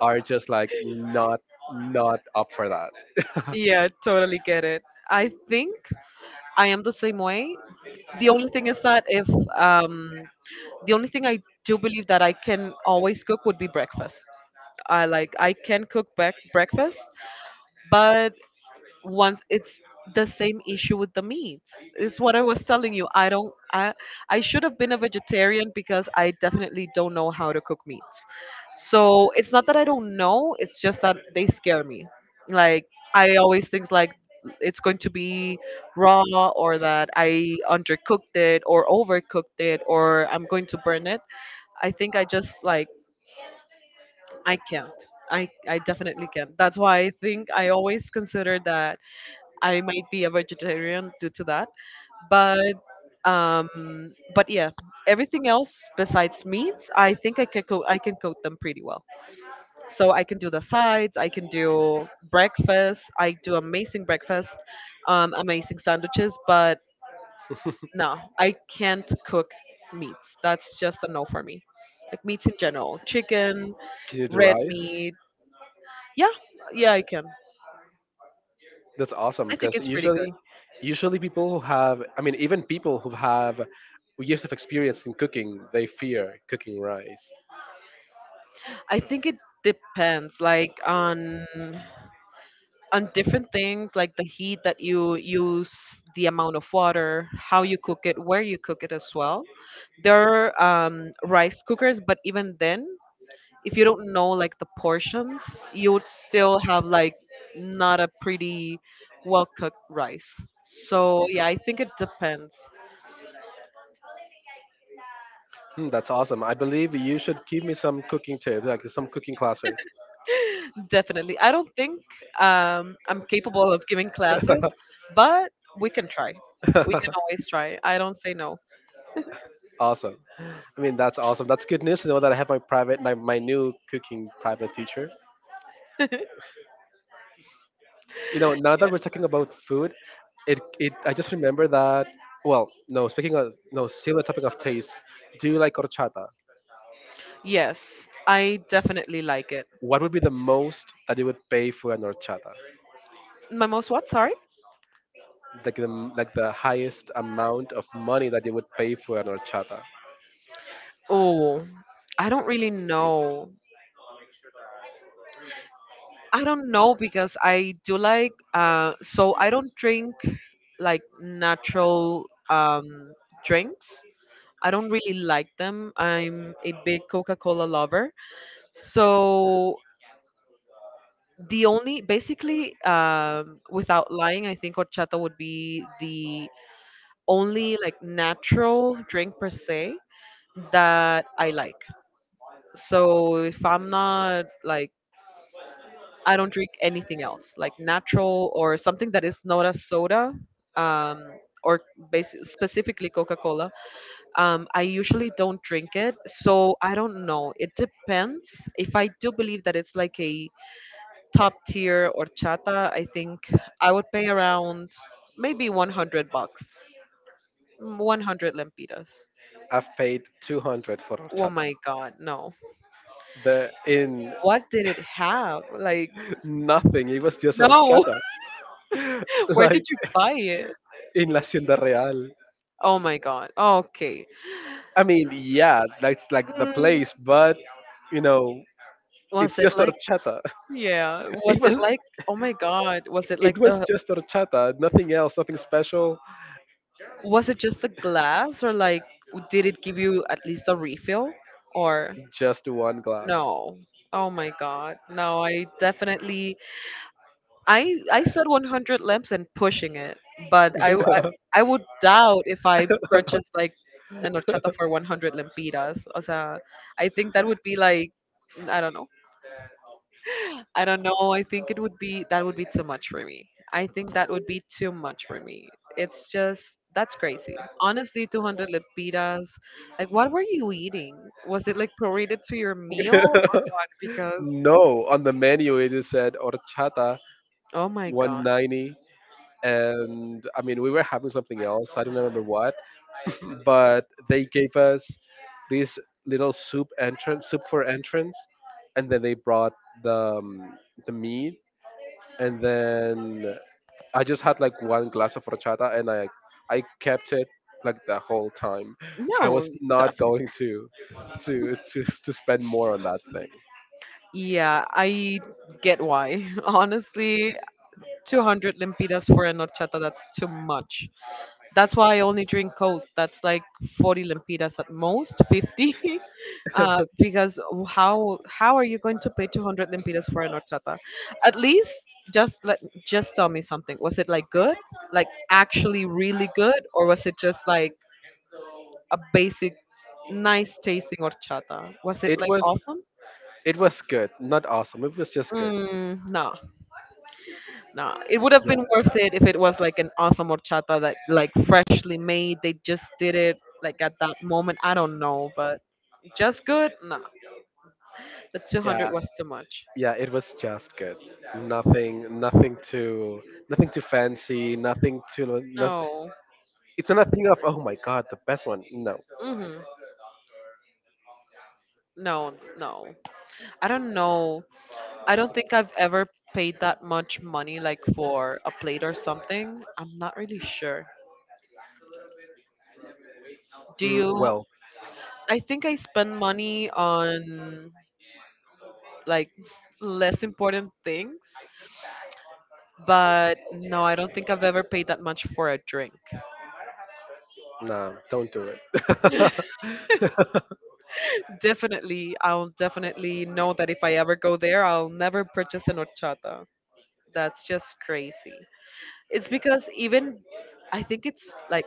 [SPEAKER 2] are just like not up for that.
[SPEAKER 1] Yeah, totally get it. I think I am the same way. The only thing is that if um the only thing I do believe that I can always cook would be breakfast. I can cook back breakfast, but once it's the same issue with the meats. It's what I was telling you. I don't I should have been a vegetarian because I definitely don't know how to cook meats. So it's not that I don't know, it's just that they scare me. Like I always think like it's going to be raw, or that I undercooked it or overcooked it, or I'm going to burn it. I think I just like I can't. I definitely can't. That's why I think I always consider that I might be a vegetarian due to that. But yeah, everything else besides meats, I think I can I can coat them pretty well. So I can do the sides, I can do breakfast, I do amazing breakfast, amazing sandwiches, but no, I can't cook meats. That's just a no for me. Like meats in general, chicken,
[SPEAKER 2] Can you do
[SPEAKER 1] red
[SPEAKER 2] rice?
[SPEAKER 1] meat. Yeah, yeah, I can.
[SPEAKER 2] That's awesome
[SPEAKER 1] I think
[SPEAKER 2] because
[SPEAKER 1] it's pretty good.
[SPEAKER 2] usually, usually people who have, I mean, even people who have years of experience in cooking, they fear cooking rice.
[SPEAKER 1] I think it depends like on different things like the heat that you use, the amount of water, how you cook it, where you cook it as well. There are rice cookers, but even then, if you don't know like the portions, you would still have like not a pretty well cooked rice. So yeah, I think it depends.
[SPEAKER 2] Hmm, that's awesome. I believe you should give me some cooking tips, like some cooking classes.
[SPEAKER 1] Definitely. I don't think I'm capable of giving classes, but we can try. We can
[SPEAKER 2] [LAUGHS]
[SPEAKER 1] always try. I don't say no.
[SPEAKER 2] Awesome. I mean, that's awesome. That's good news to know that I have my private, my new cooking private teacher. You know, now that we're talking about food, it I just remember that. Well, no, speaking of no, still the topic of taste. Do you like horchata?
[SPEAKER 1] Yes, I definitely like it.
[SPEAKER 2] What would be the most that you would pay for an horchata?
[SPEAKER 1] My most what? Sorry?
[SPEAKER 2] Like the like the highest amount of money that you would pay for an horchata.
[SPEAKER 1] Oh, I don't really know. I don't know because I do like, so I don't drink like natural drinks. I don't really like them. I'm a big Coca Cola lover. So the only basically without lying, I think horchata would be the only like natural drink per se that I like. So if I'm not like, I don't drink anything else like natural or something that is not a soda, um, or specifically Coca-Cola. I usually don't drink it, so I don't know. It depends. If I do believe that it's like a top tier horchata, I think I would pay around maybe 100 bucks. Mm, 100 lempiras.
[SPEAKER 2] I've paid 200 for
[SPEAKER 1] Oh
[SPEAKER 2] horchata.
[SPEAKER 1] my god, no.
[SPEAKER 2] The in
[SPEAKER 1] What did it have? Like,
[SPEAKER 2] [LAUGHS] nothing. It was just
[SPEAKER 1] no.
[SPEAKER 2] horchata,
[SPEAKER 1] [LAUGHS] Where
[SPEAKER 2] like
[SPEAKER 1] did you buy it?
[SPEAKER 2] in La Hacienda Real.
[SPEAKER 1] Oh my god. Okay.
[SPEAKER 2] I mean, yeah, that's like the
[SPEAKER 1] Mm,
[SPEAKER 2] place, but you know, it's
[SPEAKER 1] was it
[SPEAKER 2] just
[SPEAKER 1] like,
[SPEAKER 2] horchata. [LAUGHS]
[SPEAKER 1] yeah,
[SPEAKER 2] It
[SPEAKER 1] was it
[SPEAKER 2] was
[SPEAKER 1] like, oh my god, was it like the,
[SPEAKER 2] just horchata, nothing else, nothing special,
[SPEAKER 1] was it just the glass, or like, did it give you at least a refill, or
[SPEAKER 2] just one glass.
[SPEAKER 1] no? Oh my god. No, I definitely, I said 100 lamps, and pushing it, but I I would doubt if I purchased like an horchata for 100 lempiras. O sea, I think that would be like, I don't know. I don't know. I think it would be, that would be too much for me. I think that would be too much for me. It's just that's crazy. Honestly, 200 lempiras. Like what were you eating? Was it like prorated to your meal? Or
[SPEAKER 2] [LAUGHS]
[SPEAKER 1] because,
[SPEAKER 2] No, on the menu it just said horchata
[SPEAKER 1] oh my god.
[SPEAKER 2] 190, and I mean, we were having something else, I don't remember what, but they gave us this little soup entrance, soup for entrance, and then they brought the um, the meat, and then I just had like one glass of horchata, and I kept it like the whole time. I
[SPEAKER 1] No,
[SPEAKER 2] was not going to spend more on that thing.
[SPEAKER 1] yeah, I get why. [LAUGHS] Honestly, 200 lempiras for an horchata, that's too much. That's why I only drink cold. That's like 40 lempiras at most, 50. [LAUGHS] Because how are you going to pay 200 lempiras for an horchata? At least just let, just tell me something. Was it like good? Like actually really good, or was it just like a basic nice tasting horchata? Was it
[SPEAKER 2] It
[SPEAKER 1] like
[SPEAKER 2] was
[SPEAKER 1] awesome?
[SPEAKER 2] good, not awesome. It was just good.
[SPEAKER 1] Mm, no. No, it would have
[SPEAKER 2] Yeah.
[SPEAKER 1] been worth it if it was like an awesome horchata that like freshly made. They just did it like at that moment. I don't know, but just good. No, the
[SPEAKER 2] Yeah,
[SPEAKER 1] 200 was too much.
[SPEAKER 2] yeah, it was just good. Nothing too, nothing too fancy. Nothing too, not,
[SPEAKER 1] No.
[SPEAKER 2] it's nothing of oh my god, the best one. No.
[SPEAKER 1] Hmm. No, no. I don't know. I don't think I've ever paid that much money like for a plate or something. I'm not really sure. Do
[SPEAKER 2] Mm,
[SPEAKER 1] you?
[SPEAKER 2] well,
[SPEAKER 1] I think I spend money on like less important things. But no, I don't think I've ever paid that much for a drink.
[SPEAKER 2] nah, don't do it. [LAUGHS]
[SPEAKER 1] Definitely, I'll definitely know that if I ever go there, I'll never purchase an horchata. That's just crazy. It's because even I think it's like,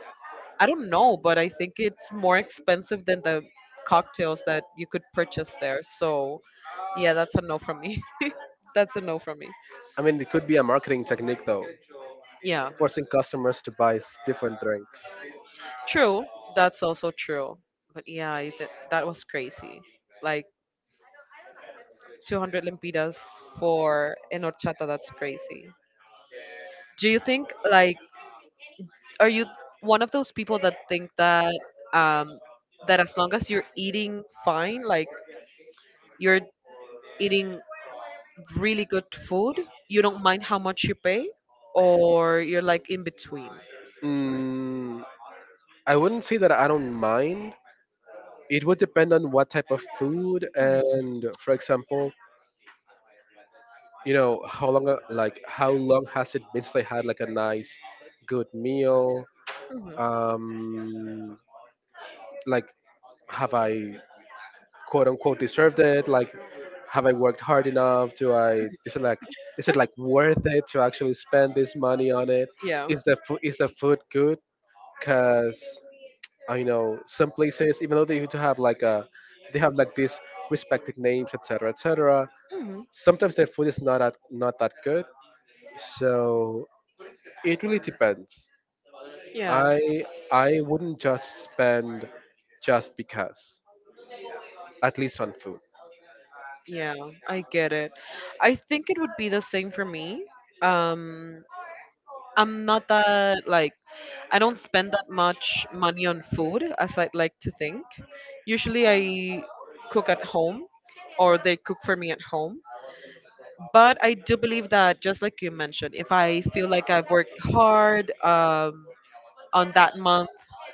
[SPEAKER 1] I don't know, but I think it's more expensive than the cocktails that you could purchase there. So yeah, that's a no from me. [LAUGHS] That's a no from me.
[SPEAKER 2] I mean, it could be a marketing technique though,
[SPEAKER 1] Yeah.
[SPEAKER 2] forcing customers to buy different drinks.
[SPEAKER 1] True. That's also true. But yeah, I that was crazy. Like 200 lempiras for an horchata. That's crazy. Do you think like, are you one of those people that think that um that as long as you're eating fine, like you're eating really good food, you don't mind how much you pay, or you're like in between?
[SPEAKER 2] Mm, I wouldn't say that I don't mind. It would depend on what type of food
[SPEAKER 1] Mhm,
[SPEAKER 2] and, for example, you know how long, like how long has it been since I had like a nice good meal,
[SPEAKER 1] mhm.
[SPEAKER 2] um like have I quote unquote deserved it, like have I worked hard enough, do I, is it like, is it like worth it to actually spend this money on it,
[SPEAKER 1] Yeah.
[SPEAKER 2] is the food, is the food good, because I know some places, even though they used to have like a, they have like these respective names, etc., etc.
[SPEAKER 1] Mhm.
[SPEAKER 2] Sometimes their food is not that not that good. So, it really depends.
[SPEAKER 1] Yeah.
[SPEAKER 2] I I wouldn't just spend just because, at least on food.
[SPEAKER 1] Yeah, I get it. I think it would be the same for me. Um I'm not that like, I don't spend that much money on food as I'd like to think. Usually I cook at home or they cook for me at home. But I do believe that, just like you mentioned, if I feel like I've worked hard on that month,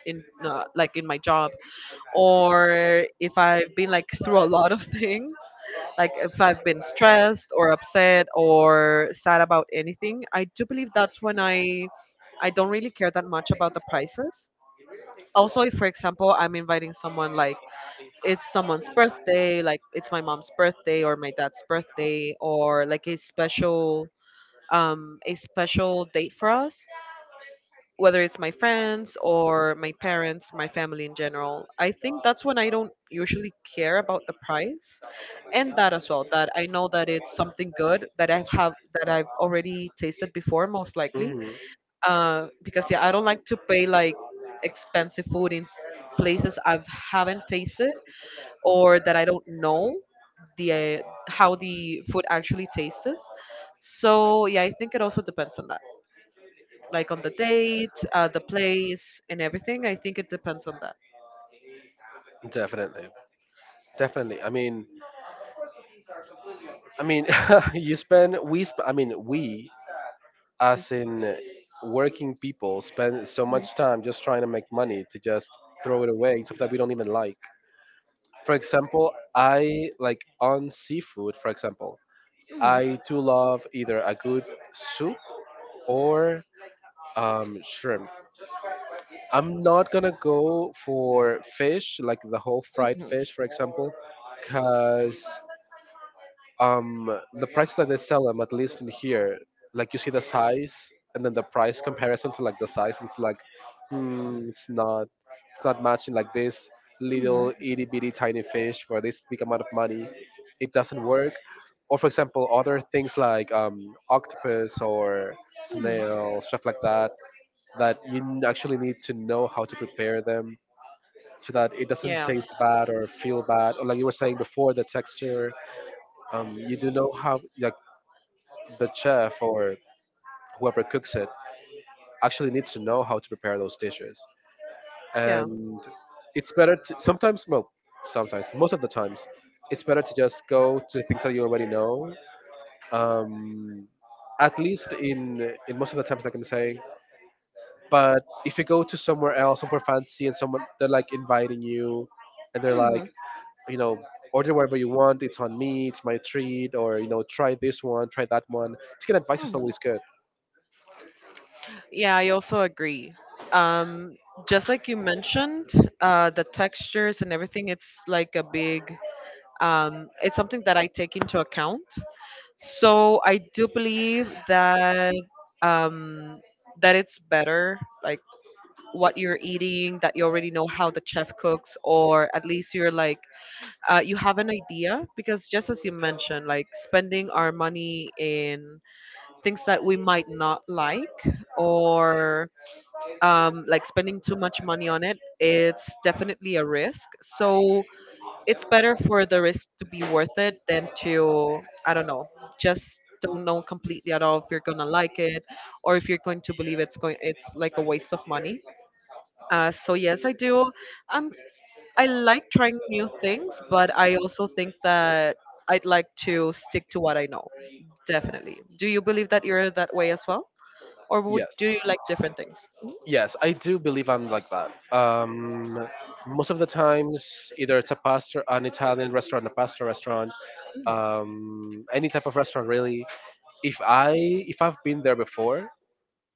[SPEAKER 1] in like in my job, or if I've been like through a lot of [LAUGHS] things, like if I've been stressed or upset or sad about anything, I do believe that's when I don't really care that much about the prices. Also, if for example, I'm inviting someone, like it's someone's birthday, like it's my mom's birthday or my dad's birthday, or like a special date for us, whether it's my friends or my parents, my family in general, I think that's when I don't usually care about the price. And that as well, that I know that it's something good that I have, that I've already tasted before, most likely.
[SPEAKER 2] Hmm.
[SPEAKER 1] Because yeah, I don't like to pay like expensive food in places I haven't tasted or that I don't know the how the food actually tastes. So yeah, I think it also depends on that, like on the date, the place, and everything. I think it depends on that.
[SPEAKER 2] Definitely, definitely. I mean, I mean, [LAUGHS] you spend we sp- I mean we, as in working people, spend so much time just trying to make money to just throw it away, something that we don't even like. For example, I like on seafood. For example,
[SPEAKER 1] Mhm. Mhm.
[SPEAKER 2] I do love either a good soup or shrimp. I'm not gonna go for fish, like the whole fried
[SPEAKER 1] Mhm.
[SPEAKER 2] fish, for example, because the prices that they sell them, at least in here, like you see the size and then the price comparison to like the size, it's like, hmm, it's not, it's not matching like this little itty bitty tiny fish for this big amount of money. It doesn't work, or for example other things like octopus or
[SPEAKER 1] Mhm. Mhm.
[SPEAKER 2] snail, stuff like that, that you actually need to know how to prepare them so that it doesn't
[SPEAKER 1] Yeah.
[SPEAKER 2] taste bad or feel bad, or like you were saying before, the texture. Um, you do know how, like, the chef or whoever cooks it actually needs to know how to prepare those dishes.
[SPEAKER 1] Yeah.
[SPEAKER 2] And it's better to sometimes, well, sometimes most of the times, it's better to just go to things that you already know, um, at least in most of the times, like I'm saying. But if you go to somewhere else, somewhere fancy, and someone, they're like inviting you, and they're
[SPEAKER 1] Mhm.
[SPEAKER 2] like, you know order whatever you want, it's on me, it's my treat, or, you know, try this one, try that one. Taking advice is
[SPEAKER 1] Mhm.
[SPEAKER 2] always good.
[SPEAKER 1] Yeah, I also agree. Um, just like you mentioned, the textures and everything, it's like a big, it's something that I take into account. So I do believe that um, that it's better, like what you're eating, that you already know how the chef cooks, or at least you're like, you have an idea. Because just as you mentioned, like spending our money in things that we might not like, or like spending too much money on it, it's definitely a risk. So it's better for the risk to be worth it than to, I don't know, just don't know completely at all if you're gonna like it, or if you're going to believe it's going, it's like a waste of money. So yes, I do. Um, I like trying new things, but I also think that I'd like to stick to what I know. Definitely. Do you believe that you're that way as well, or would
[SPEAKER 2] Yes,
[SPEAKER 1] do you like different things?
[SPEAKER 2] yes, I do believe I'm like that. Um, most of the times, either it's a pasta, an Italian restaurant, a pasta restaurant, any type of restaurant, really. If I if I've been there before,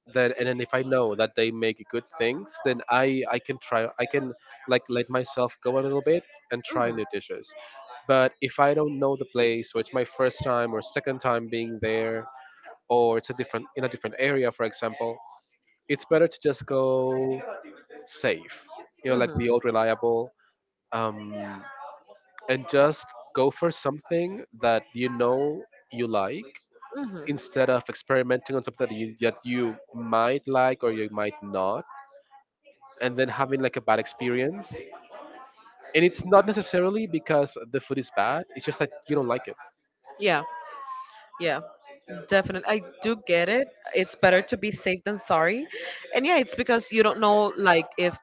[SPEAKER 2] then, and then if I know that they make good things, then I can try I can like let myself go a little bit and try
[SPEAKER 1] Mhm.
[SPEAKER 2] new dishes. But if I don't know the place, or it's my first time or second time being there, or it's a different in a different area, for example, it's better to just go safe, you know,
[SPEAKER 1] Mhm.
[SPEAKER 2] like
[SPEAKER 1] Mhm.
[SPEAKER 2] the old reliable. Um, and just go for something that you know you like,
[SPEAKER 1] Mhm.
[SPEAKER 2] instead of experimenting on something that you might like or you might not, and then having like a bad experience. And it's not necessarily because the food is bad, it's just that you don't like it.
[SPEAKER 1] Yeah. Yeah. Definitely, I do get it. It's better to be safe than sorry. And yeah, it's because you don't know, like, if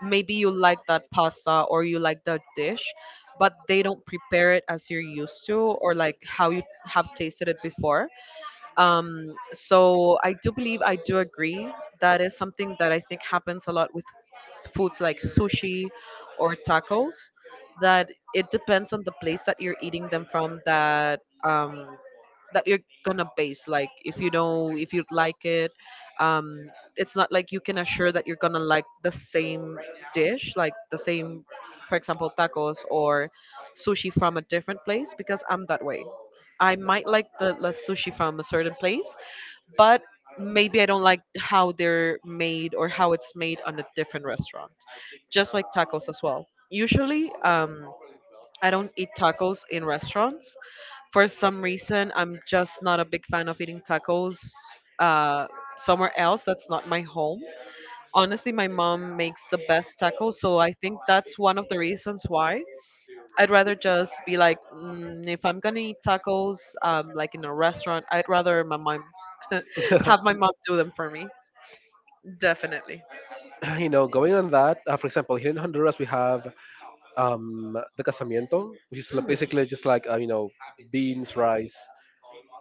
[SPEAKER 1] maybe you like that pasta or you like that dish, but they don't prepare it as you're used to, or like how you have tasted it before. So I do believe, I do agree. That is something that I think happens a lot with foods like sushi or tacos, that it depends on the place that you're eating them from, that um, that you're gonna base like if you know if you'd like it. Um, it's not like you can assure that you're gonna like the same dish, like the same, for example, tacos or sushi from a different place. Because I'm that way, I might like the sushi from a certain place, but maybe I don't like how they're made or how it's made on a different restaurant. Just like tacos as well. Usually, I don't eat tacos in restaurants. For some reason, I'm just not a big fan of eating tacos uh, somewhere else that's not my home. Honestly, my mom makes the best tacos, so I think that's one of the reasons why. I'd rather just be like, mm, if I'm gonna eat tacos, like in a restaurant, I'd rather my mom [LAUGHS] have
[SPEAKER 2] [LAUGHS]
[SPEAKER 1] my mom do them for me. Definitely.
[SPEAKER 2] You know, going on that, for example, here in Honduras we have the casamiento, which is
[SPEAKER 1] Mhm.
[SPEAKER 2] basically just like, beans, rice.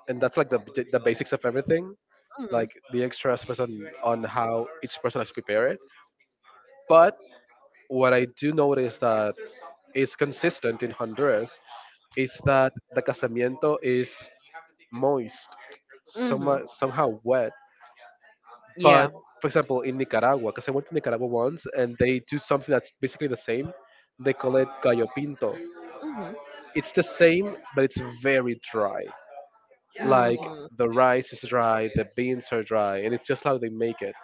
[SPEAKER 2] And that's like the basics of everything. Like,
[SPEAKER 1] Mhm.
[SPEAKER 2] the extras depends on how each person has to prepare it. But what I do notice that is consistent in Honduras is that the casamiento is moist,
[SPEAKER 1] Mhm.
[SPEAKER 2] somehow wet.
[SPEAKER 1] Yeah.
[SPEAKER 2] But, for example, in Nicaragua, because I went to Nicaragua once, and they do something that's basically the same. They call it gallo pinto.
[SPEAKER 1] Mhm.
[SPEAKER 2] It's the same, but it's very dry. Like,
[SPEAKER 1] Mhm.
[SPEAKER 2] the rice is dry, the beans are dry, and it's just how they make it.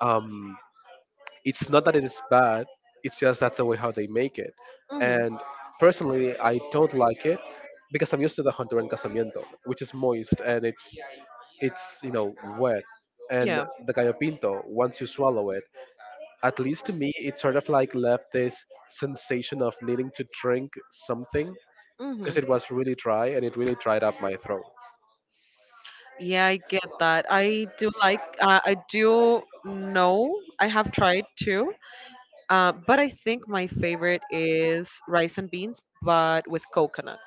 [SPEAKER 2] Um, it's not that it is bad, it's just that's the way how they make it.
[SPEAKER 1] Mhm.
[SPEAKER 2] And personally, I don't like it because I'm used to the Honduran casamiento, which is moist, and it's, wet. And
[SPEAKER 1] Yeah.
[SPEAKER 2] the gallo pinto, once you swallow it, at least to me, it sort of like left this sensation of needing to drink something,
[SPEAKER 1] Mhm.
[SPEAKER 2] because it was really dry, and it really dried up my throat.
[SPEAKER 1] Yeah, I get that. I do like. I do know. I have tried too. But I think my favorite is rice and beans, but with coconut.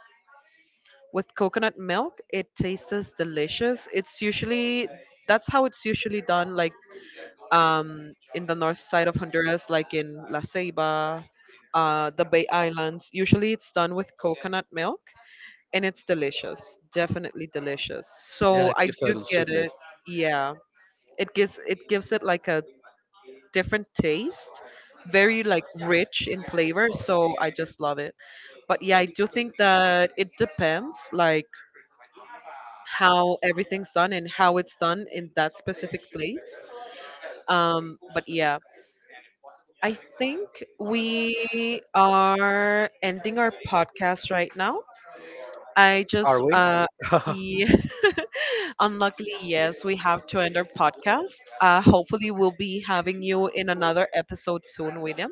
[SPEAKER 1] With coconut milk. It tastes delicious. It's usually, that's how it's usually done, like in the north side of Honduras, like in La Ceiba, the Bay Islands. Usually, it's done with coconut milk, and it's delicious. Definitely delicious.
[SPEAKER 2] Yeah,
[SPEAKER 1] So
[SPEAKER 2] it
[SPEAKER 1] I
[SPEAKER 2] gives a
[SPEAKER 1] do
[SPEAKER 2] little
[SPEAKER 1] get
[SPEAKER 2] sweetness.
[SPEAKER 1] it. Yeah, it gives, it gives it like a different taste. Very like rich in flavor, so I just love it. But yeah, I do think that it depends like how everything's done and how it's done in that specific place. But yeah, I think we are ending our podcast right now. I just,
[SPEAKER 2] Are we? [LAUGHS]
[SPEAKER 1] yeah, [LAUGHS] unluckily, yes, we have to end our podcast. Hopefully, we'll be having you in another episode soon, William.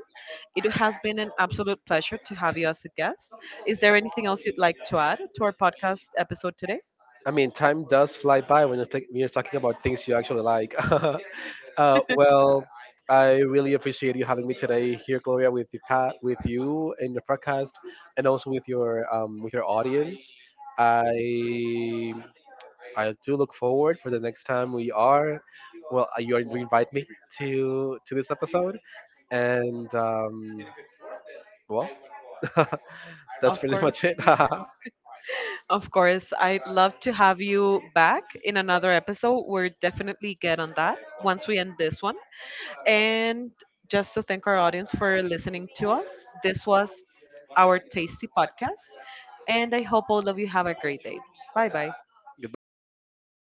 [SPEAKER 1] It has been an absolute pleasure to have you as a guest. Is there anything else you'd like to add to our podcast episode today?
[SPEAKER 2] I mean, time does fly by when you're talking about things you actually like. [LAUGHS] Well, I really appreciate you having me today here, Gloria, with you in the podcast, and also with your audience. I I do look forward for the next time we are. Well, you invite me to this episode, and well, [LAUGHS] that's
[SPEAKER 1] Of
[SPEAKER 2] pretty
[SPEAKER 1] course.
[SPEAKER 2] much it. [LAUGHS]
[SPEAKER 1] Of course, I'd love to have you back in another episode. We're definitely get on that once we end this one. And just to thank our audience for listening to us. This was our tasty podcast, and I hope all of you have a great day. Bye bye.
[SPEAKER 2] Goodbye, everyone. Had thought